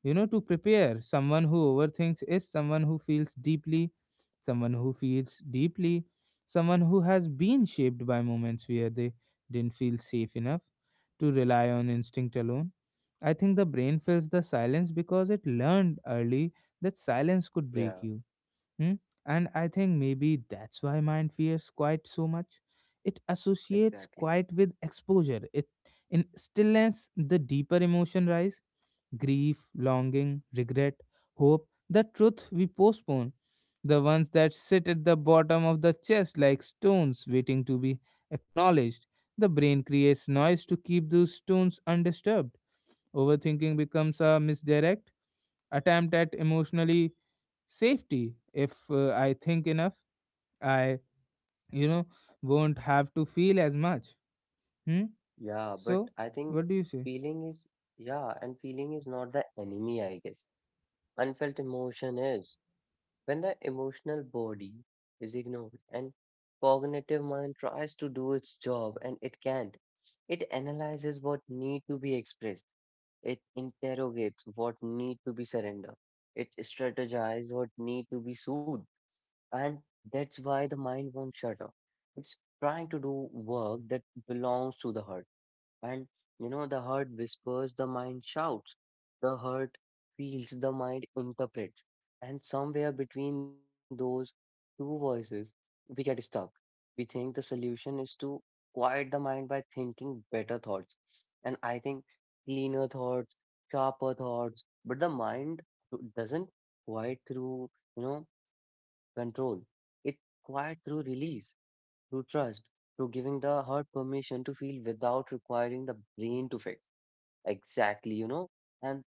Speaker 1: to prepare. Someone who overthinks is someone who feels deeply, someone who feels deeply, someone who has been shaped by moments where they didn't feel safe enough to rely on instinct alone. I think the brain fills the silence because it learned early that silence could
Speaker 2: yeah,
Speaker 1: break you. Hmm? And I think maybe that's why mind fears quiet so much. It associates
Speaker 2: exactly.
Speaker 1: quiet with exposure. It In stillness the deeper emotion rise, grief, longing, regret, hope, the truth we postpone. The ones that sit at the bottom of the chest like stones waiting to be acknowledged. The brain creates noise to keep those stones undisturbed. Overthinking becomes a misdirect attempt at emotionally safety. If I think enough, I you know won't have to feel as much. Hmm.
Speaker 2: Yeah,
Speaker 1: So
Speaker 2: but I think
Speaker 1: what do you say?
Speaker 2: feeling is, yeah, and feeling is not the enemy, I guess. Unfelt emotion is when the emotional body is ignored and cognitive mind tries to do its job and it can't. It analyzes what need to be expressed. It interrogates what need to be surrendered. It strategizes what need to be soothed. And that's why the mind won't shut up. It's trying to do work that belongs to the heart. And you know, the heart whispers, the mind shouts, the heart feels, the mind interprets. And somewhere between those two voices, we get stuck. We think the solution is to quiet the mind by thinking better thoughts. And I think cleaner thoughts, sharper thoughts. But the mind doesn't quiet through, you know, control. It quiet through release to trust, to giving the heart permission to feel without requiring the brain to fix. Exactly, you know, and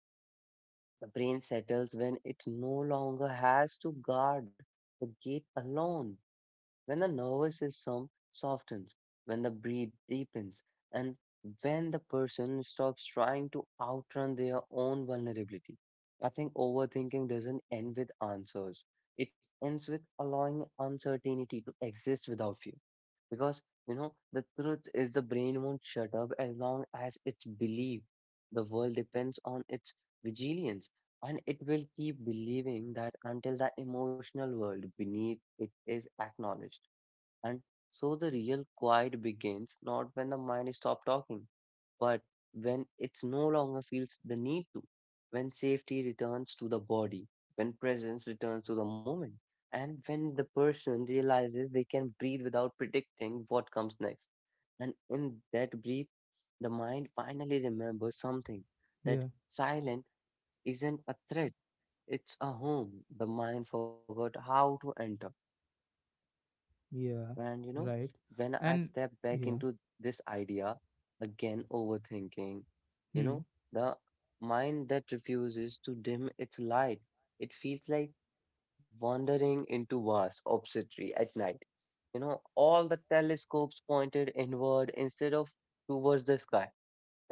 Speaker 2: the brain settles when it no longer has to guard the gate alone, when the nervous system softens, when the breath deepens, and when the person stops trying to outrun their own vulnerability. I think overthinking doesn't end with answers. It ends with allowing uncertainty to exist without fear because you know the truth is the brain won't shut up as long as it's believe the world depends on its vigilance and it will keep believing that until the emotional world beneath it is acknowledged and so the real quiet begins not when the mind is stopped talking but when it no longer feels the need to, when safety returns to the body, when presence returns to the moment, and when the person realizes they can breathe without predicting what comes next. And in that breath, the mind finally remembers something that
Speaker 1: Yeah.
Speaker 2: silent isn't a threat, it's a home the mind forgot how to enter.
Speaker 1: Yeah.
Speaker 2: And you know,
Speaker 1: Right.
Speaker 2: when I
Speaker 1: And
Speaker 2: step back
Speaker 1: yeah.
Speaker 2: into this idea, again overthinking, you
Speaker 1: Hmm.
Speaker 2: know, the mind that refuses to dim its light, it feels like wandering into vast obscurity at night. You know, all the telescopes pointed inward instead of towards the sky.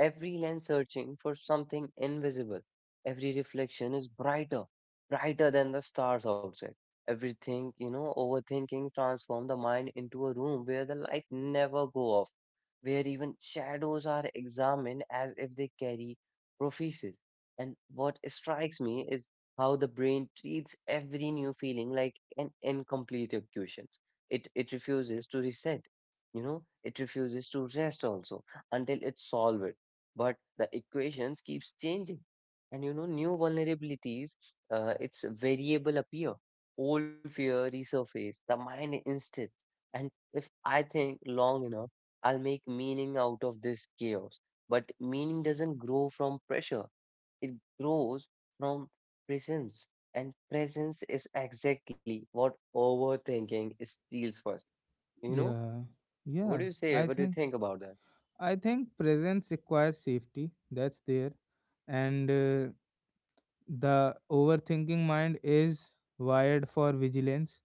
Speaker 2: Every lens searching for something invisible. Every reflection is brighter, brighter than the stars outside. Everything, you know, overthinking transform the mind into a room where the light never go off, where even shadows are examined as if they carry prophecies. And what strikes me is how the brain treats every new feeling like an incomplete equation. It refuses to reset, you know, it refuses to rest also until it solves it, but the equations keeps changing, and you know, new vulnerabilities, its variable appear, old fear resurface the mind instead. And if I think long enough, I'll make meaning out of this chaos, but meaning doesn't grow from pressure, it grows from presence. And presence is exactly what overthinking steals first, you know?
Speaker 1: Yeah. Yeah.
Speaker 2: What do you
Speaker 1: i
Speaker 2: say? What do
Speaker 1: think
Speaker 2: you think about that?
Speaker 1: i think presence requires safety that's there. And the overthinking mind is wired for vigilance.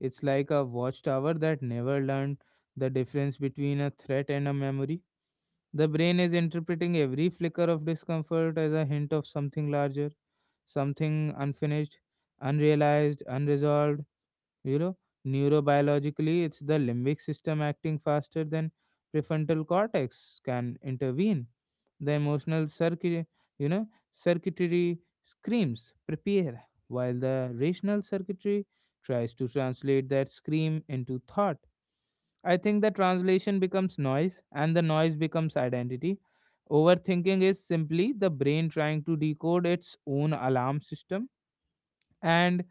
Speaker 1: It's like a watchtower that never learned the difference between a threat and a memory. The brain is interpreting every flicker of discomfort as a hint of something larger, something unfinished, unrealized, unresolved. You know, neurobiologically, it's the limbic system acting faster than prefrontal cortex can intervene, the emotional circuitry screams prepare, while the rational circuitry tries to translate that scream into thought. I think the translation becomes noise and the noise becomes identity. Overthinking is simply the brain trying to decode its own alarm system, and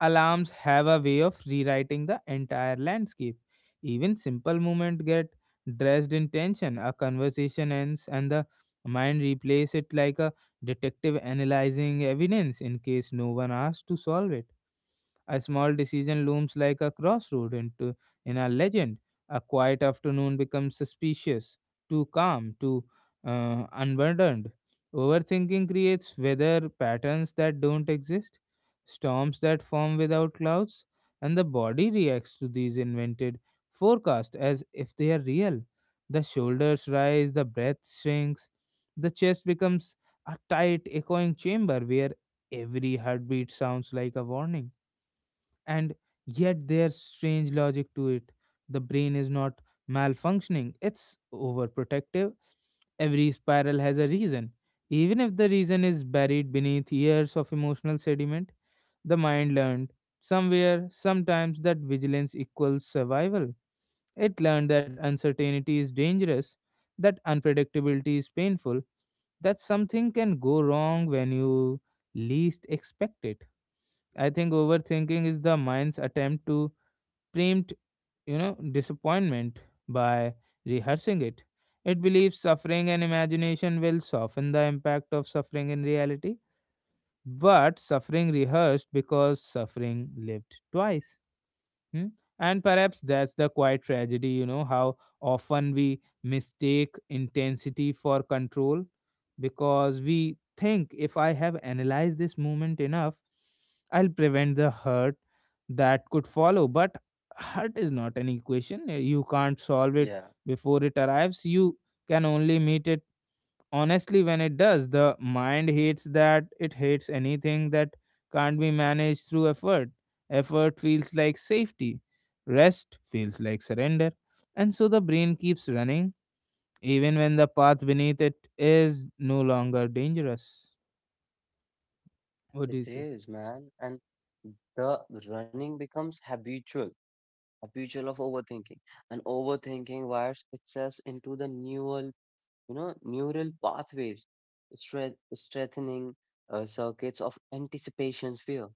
Speaker 1: alarms have a way of rewriting the entire landscape. Even simple movements get dressed in tension. A conversation ends, and the mind replays it like a detective analyzing evidence in case no one asks to solve it. A small decision looms like a crossroad into in a legend. A quiet afternoon becomes suspicious, too calm, too unburdened. Overthinking creates weather patterns that don't exist, storms that form without clouds, and the body reacts to these invented forecasts as if they are real. The shoulders rise, the breath shrinks, the chest becomes a tight, echoing chamber where every heartbeat sounds like a warning. And yet, there's strange logic to it. The brain is not malfunctioning, it's overprotective. Every spiral has a reason, even if the reason is buried beneath years of emotional sediment. The mind learned somewhere, sometimes, that vigilance equals survival. It learned that uncertainty is dangerous, that unpredictability is painful, that something can go wrong when you least expect it. I think overthinking is the mind's attempt to preempt, disappointment by rehearsing it. It believes suffering and imagination will soften the impact of suffering in reality, but suffering rehearsed because suffering lived twice. Hmm? And perhaps that's the quiet tragedy, how often we mistake intensity for control, because we think, if I have analyzed this movement enough, I'll prevent the hurt that could follow. But hurt is not an equation. You can't solve it
Speaker 2: Yeah,
Speaker 1: before it arrives. You can only meet it honestly when it does. The mind hates that, it hates anything that can't be managed through effort. Effort feels like safety, rest feels like surrender, and so the brain keeps running even when the path beneath it is no longer dangerous. What do
Speaker 2: it
Speaker 1: you say?
Speaker 2: is, man. And the running becomes habitual, habitual of overthinking, and overthinking wires itself into the neural, you know, neural pathways, strengthening circuits of anticipations, fear,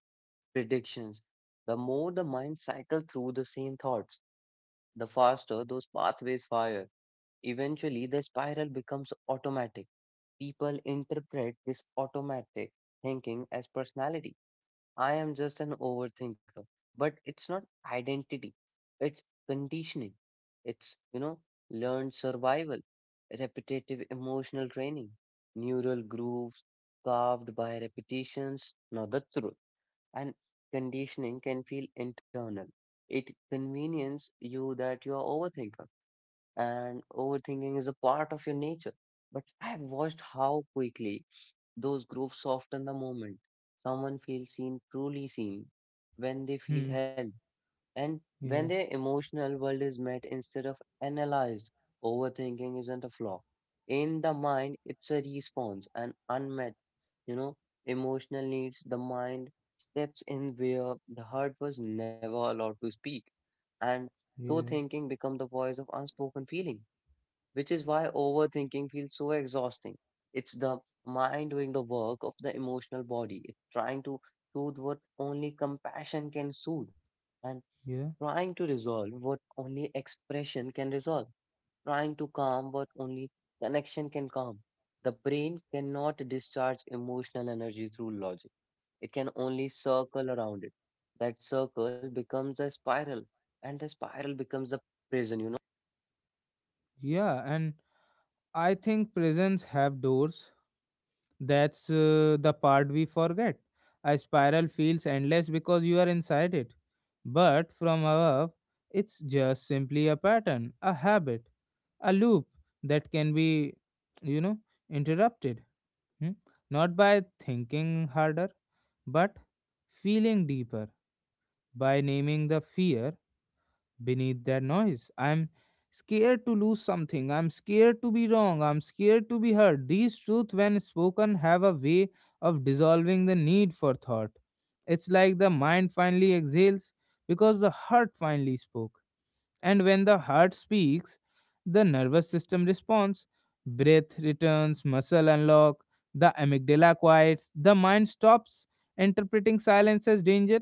Speaker 2: predictions. The more the mind cycles through the same thoughts, the faster those pathways fire. Eventually, the spiral becomes automatic. People interpret this automatic thinking as personality. I am just an overthinker. But it's not identity, it's conditioning. It's, you know, learned survival, repetitive emotional training, neural grooves carved by repetitions, not the truth. And conditioning can feel internal. It conveniences you that you are overthinker and overthinking is a part of your nature. But I have watched how quickly those grooves soften the moment. Someone feels seen, truly seen, when they feel
Speaker 1: Hmm.
Speaker 2: held, and when their
Speaker 1: Yeah.
Speaker 2: emotional world is met instead of analyzed. Overthinking isn't a flaw. In the mind, it's a response, an unmet, you know, emotional needs. The mind steps in where the heart was never allowed to speak, and so
Speaker 1: Yeah,
Speaker 2: thinking becomes the voice of unspoken feeling, which is why overthinking feels so exhausting. It's the mind doing the work of the emotional body. It's trying to soothe what only compassion can soothe, and
Speaker 1: yeah,
Speaker 2: trying to resolve what only expression can resolve, trying to calm what only connection can calm. The brain cannot discharge emotional energy through logic. It can only circle around it. That circle becomes a spiral, and the spiral becomes a prison, you know?
Speaker 1: yeah, and I think prisons have doors. That's the part we forget. A spiral feels endless because you are inside it. But from above, it's just simply a pattern, a habit, a loop that can be, you know, interrupted. Hmm? Not by thinking harder, but feeling deeper, by naming the fear beneath that noise. I'm scared to lose something. I'm scared to be wrong. I'm scared to be hurt. These truths, when spoken, have a way of dissolving the need for thought. It's like the mind finally exhales because the heart finally spoke. And when the heart speaks, the nervous system responds. Breath returns, muscle unlock, the amygdala quiets, the mind stops interpreting silence as danger.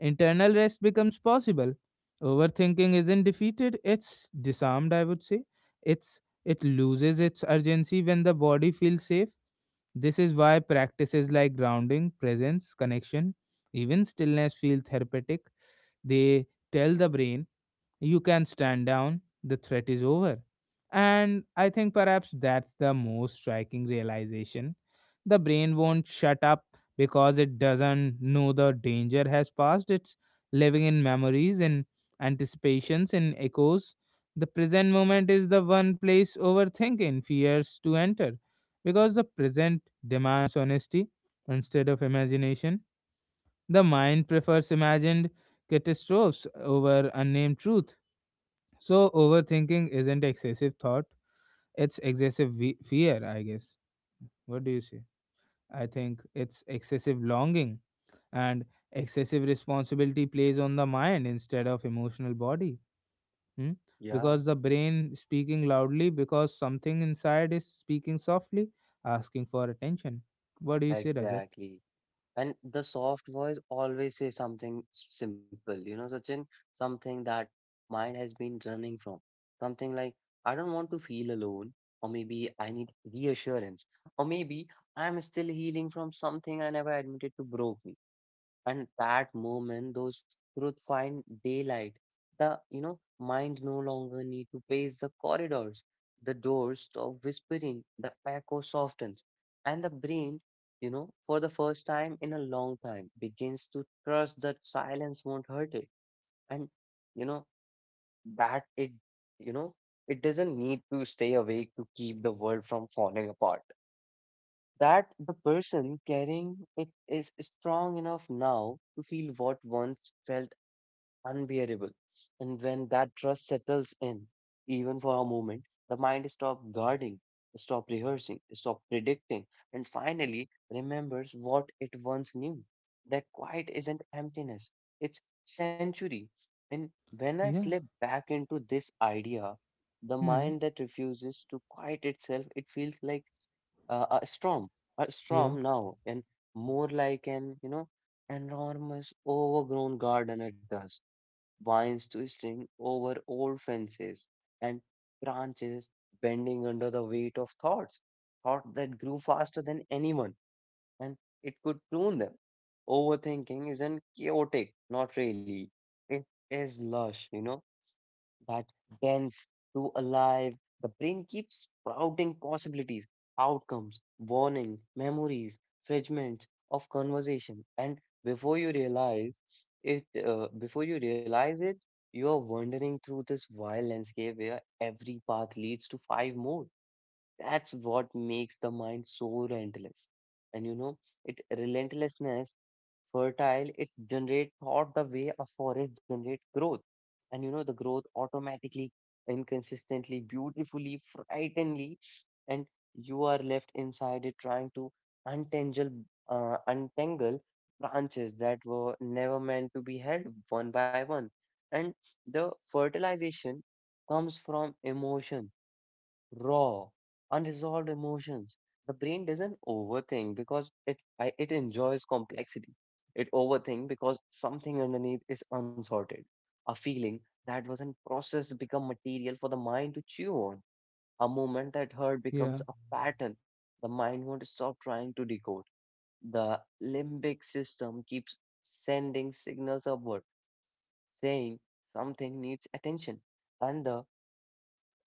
Speaker 1: Internal rest becomes possible. Overthinking isn't defeated, it's disarmed, I would say. It loses its urgency when the body feels safe. This is why practices like grounding, presence, connection, even stillness feel therapeutic. They tell the brain, you can stand down, the threat is over. And I think perhaps that's the most striking realization. The brain won't shut up because it doesn't know the danger has passed. It's living in memories, in anticipations, in echoes. The present moment is the one place overthinking fears to enter, because the present demands honesty instead of imagination. The mind prefers imagined catastrophes over unnamed truth. So, overthinking isn't excessive thought, it's excessive fear, I guess. What do you say? I think it's excessive longing, and excessive responsibility plays on the mind instead of emotional body. Hmm?
Speaker 2: Yeah,
Speaker 1: Because the brain speaking loudly because something inside is speaking softly, asking for attention. What do you say, Rajat?
Speaker 2: exactly. And the soft voice always says something simple, you know, Sachin, something that mind has been running from. Something like, I don't want to feel alone, or maybe I need reassurance, or maybe I'm still healing from something I never admitted to broke me. And that moment those truths find daylight, the, you know, mind no longer need to pace the corridors, the doors stop whispering, the echo softens, and the brain, you know, for the first time in a long time, begins to trust that silence won't hurt it, and you know, that it, you know, it doesn't need to stay awake to keep the world from falling apart, that the person carrying it is strong enough now to feel what once felt unbearable. And when that trust settles in, even for a moment, the mind stops guarding, stops rehearsing, stops predicting, and finally remembers what it once knew. That quiet isn't emptiness, it's sanctuary. And when I
Speaker 1: Yeah.
Speaker 2: slip back into this idea, the
Speaker 1: Hmm.
Speaker 2: mind that refuses to quiet itself, it feels like uh, uh, a storm, a
Speaker 1: Yeah.
Speaker 2: storm now, and more like an, you know, enormous overgrown garden it does, vines twisting over old fences and branches bending under the weight of thoughts, thought that grew faster than anyone, and it could prune them. Overthinking isn't chaotic, not really. It is lush, you know, that dense, to alive. The brain keeps sprouting possibilities, outcomes, warning, memories, fragments of conversation, and before you realize before you realize it, you are wandering through this wild landscape where every path leads to five more. That's what makes the mind so relentless, and you know, it relentlessness fertile, it generates thought the way a forest generates growth. And you know, the growth automatically, inconsistently, beautifully, frighteningly, and you are left inside it trying to untangle, untangle branches that were never meant to be held one by one. And the fertilization comes from emotion, raw, unresolved emotions. The brain doesn't overthink because it enjoys complexity. It overthinks because something underneath is unsorted. A feeling that wasn't processed become material for the mind to chew on. A moment that hurt
Speaker 1: Yeah.
Speaker 2: becomes a pattern. The mind won't stop trying to decode. The limbic system keeps sending signals upward, saying something needs attention. And the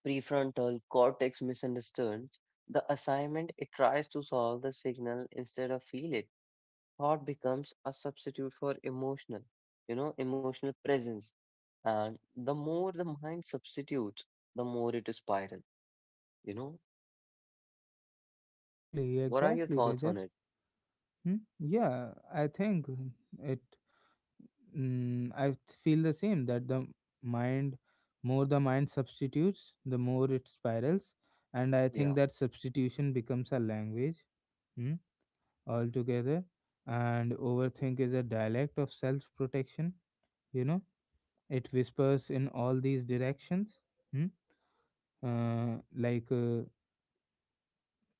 Speaker 2: prefrontal cortex misunderstands the assignment. It tries to solve the signal instead of feel it. Thought becomes a substitute for emotional, you know, emotional presence. And the more the mind substitutes, the more it spiral, you know?
Speaker 1: Exactly,
Speaker 2: What are your
Speaker 1: exactly,
Speaker 2: thoughts on
Speaker 1: Rajat.
Speaker 2: it?
Speaker 1: Hmm? Yeah, I think it. Mm, I feel the same, that the mind, more the mind substitutes, the more it spirals. And I think
Speaker 2: Yeah,
Speaker 1: that substitution becomes a language, hmm, altogether. And overthink is a dialect of self protection, you know, it whispers in all these directions, hmm, like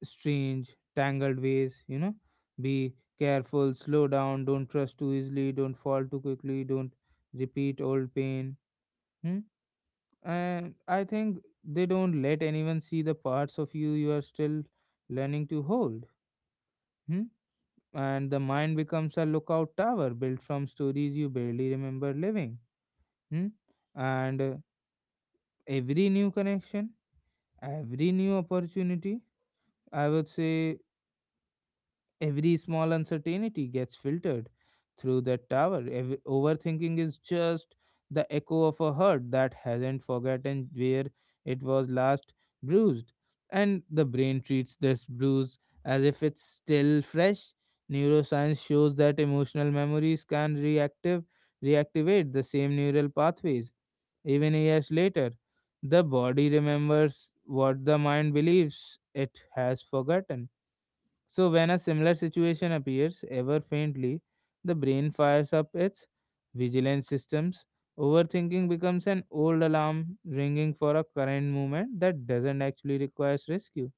Speaker 1: strange, tangled ways, you know, be careful, slow down, don't trust too easily, don't fall too quickly, don't repeat old pain. Hmm. And I think they don't let anyone see the parts of you you are still learning to hold. Hmm? And the mind becomes a lookout tower built from stories you barely remember living. Hmm? And every new connection, every new opportunity, I would say, every small uncertainty gets filtered through that tower. Overthinking is just the echo of a heart that hasn't forgotten where it was last bruised. And the brain treats this bruise as if it's still fresh. Neuroscience shows that emotional memories can reactivate the same neural pathways even years later. The body remembers what the mind believes it has forgotten, so, when a similar situation appears ever faintly, the brain fires up its vigilance systems. Overthinking becomes an old alarm ringing for a current movement that doesn't actually require rescue.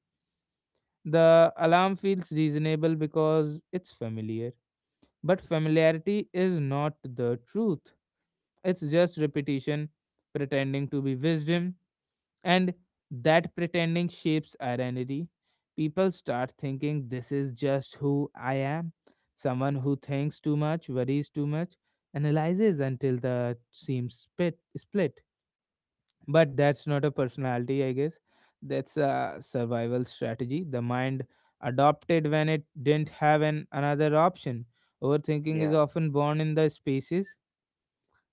Speaker 1: The alarm feels reasonable because it's familiar. But familiarity is not the truth, it's just repetition pretending to be wisdom. And that pretending shapes identity. People start thinking, this is just who I am. Someone who thinks too much, worries too much, analyzes until the seams split. Split. But that's not a personality, I guess. That's a survival strategy the mind adopted when it didn't have an another option. Overthinking is
Speaker 2: yeah,
Speaker 1: often born in the spaces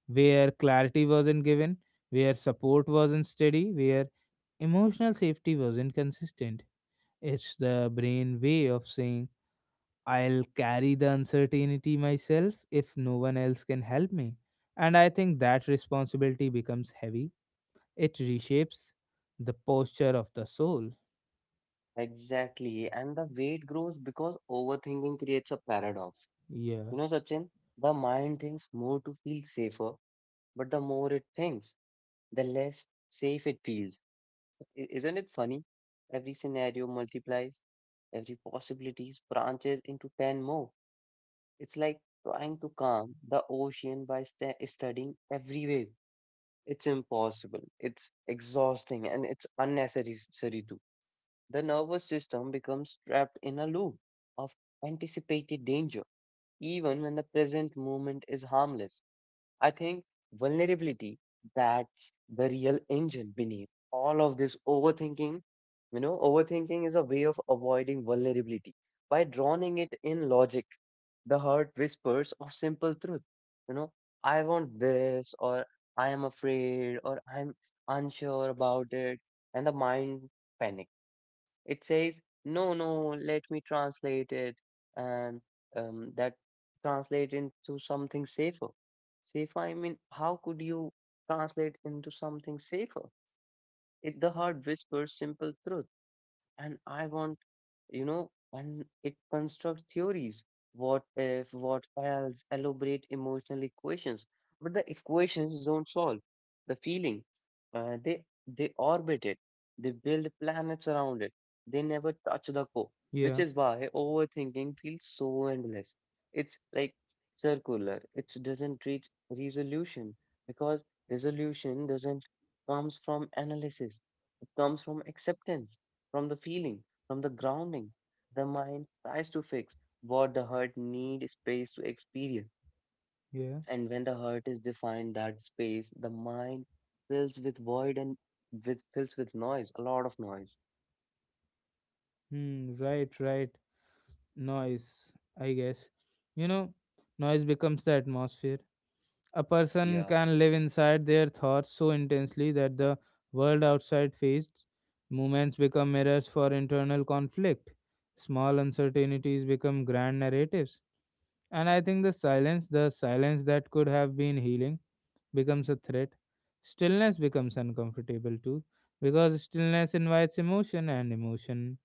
Speaker 1: where clarity wasn't given, where support wasn't steady, where emotional safety wasn't consistent. It's the brain way of saying, I'll carry the uncertainty myself if no one else can help me. And I think that responsibility becomes heavy. It reshapes the posture of the soul.
Speaker 2: exactly. And the weight grows because overthinking creates a paradox,
Speaker 1: Yeah,
Speaker 2: you know, Sachin. The mind thinks more to feel safer, but the more it thinks, the less safe it feels. Isn't it funny? Every scenario multiplies, every possibilities branches into 10 more. It's like trying to calm the ocean by sta studying every wave. It's impossible. It's exhausting and it's unnecessary too. The nervous system becomes trapped in a loop of anticipated danger, even when the present moment is harmless. I think vulnerability, that's the real engine beneath all of this overthinking. You know, overthinking is a way of avoiding vulnerability by drowning it in logic. The heart whispers of simple truth. You know, I want this, or I am afraid, or I'm unsure about it, and the mind panics. It says, no, no, let me translate it. And that translate into something safer. Safer, I mean, how could you translate into something safer? It, the heart whispers simple truth. And I want, you know, and it constructs theories. What if, what else, elaborate emotional equations. But the equations don't solve the feeling. They orbit it. They build planets around it. They never touch the core, which
Speaker 1: yeah,
Speaker 2: is why overthinking feels so endless. It's like circular. It doesn't reach resolution because resolution doesn't comes from analysis. It comes from acceptance, from the feeling, from the grounding. The mind tries to fix what the heart needs space to experience.
Speaker 1: yeah.
Speaker 2: And when the heart is defined that space, the mind fills with void and with fills with noise, a lot of noise.
Speaker 1: Hmm, right, right. Noise, I guess. You know, noise becomes the atmosphere. A person
Speaker 2: Yeah.
Speaker 1: can live inside their thoughts so intensely that the world outside fades. Moments become mirrors for internal conflict. Small uncertainties become grand narratives. And I think the silence that could have been healing, becomes a threat. Stillness becomes uncomfortable too, because stillness invites emotion and emotion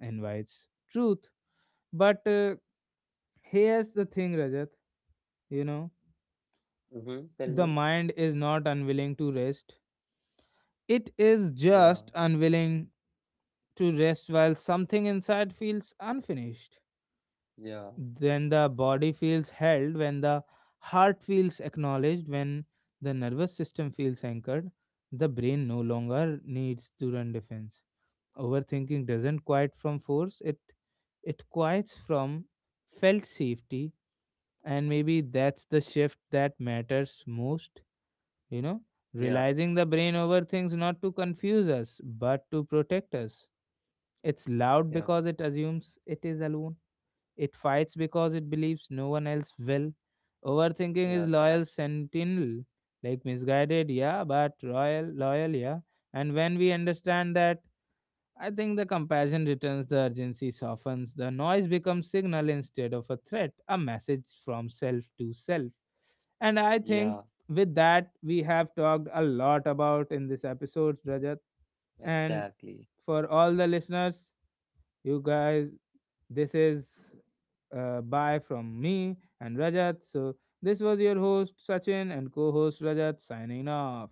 Speaker 1: invites truth. But here's the thing, Rajat, you know,
Speaker 2: Mm-hmm. Tell
Speaker 1: the
Speaker 2: me.
Speaker 1: mind is not unwilling to rest. It is
Speaker 2: Yeah.
Speaker 1: just unwilling to rest while something inside feels unfinished.
Speaker 2: Yeah.
Speaker 1: When the body feels held, when the heart feels acknowledged, when the nervous system feels anchored, the brain no longer needs to run defense. Overthinking doesn't quiet from force, it quiets from felt safety, and maybe that's the shift that matters most. You know,
Speaker 2: Yeah.
Speaker 1: realizing the brain overthinks not to confuse us but to protect us. It's loud
Speaker 2: Yeah.
Speaker 1: because it assumes it is alone, it fights because it believes no one else will. Overthinking is
Speaker 2: Yeah. That.
Speaker 1: loyal sentinel, like misguided, yeah, but royal loyal, yeah. And when we understand that, I think the compassion returns, the urgency softens, the noise becomes signal instead of a threat, a message from self to self. And I think
Speaker 2: Yeah.
Speaker 1: with that, we have talked a lot about in this episode, Rajat. And
Speaker 2: Exactly.
Speaker 1: for all the listeners, you guys, this is bye from me and Rajat. So this was your host, Sachin, and co host Rajat, signing off.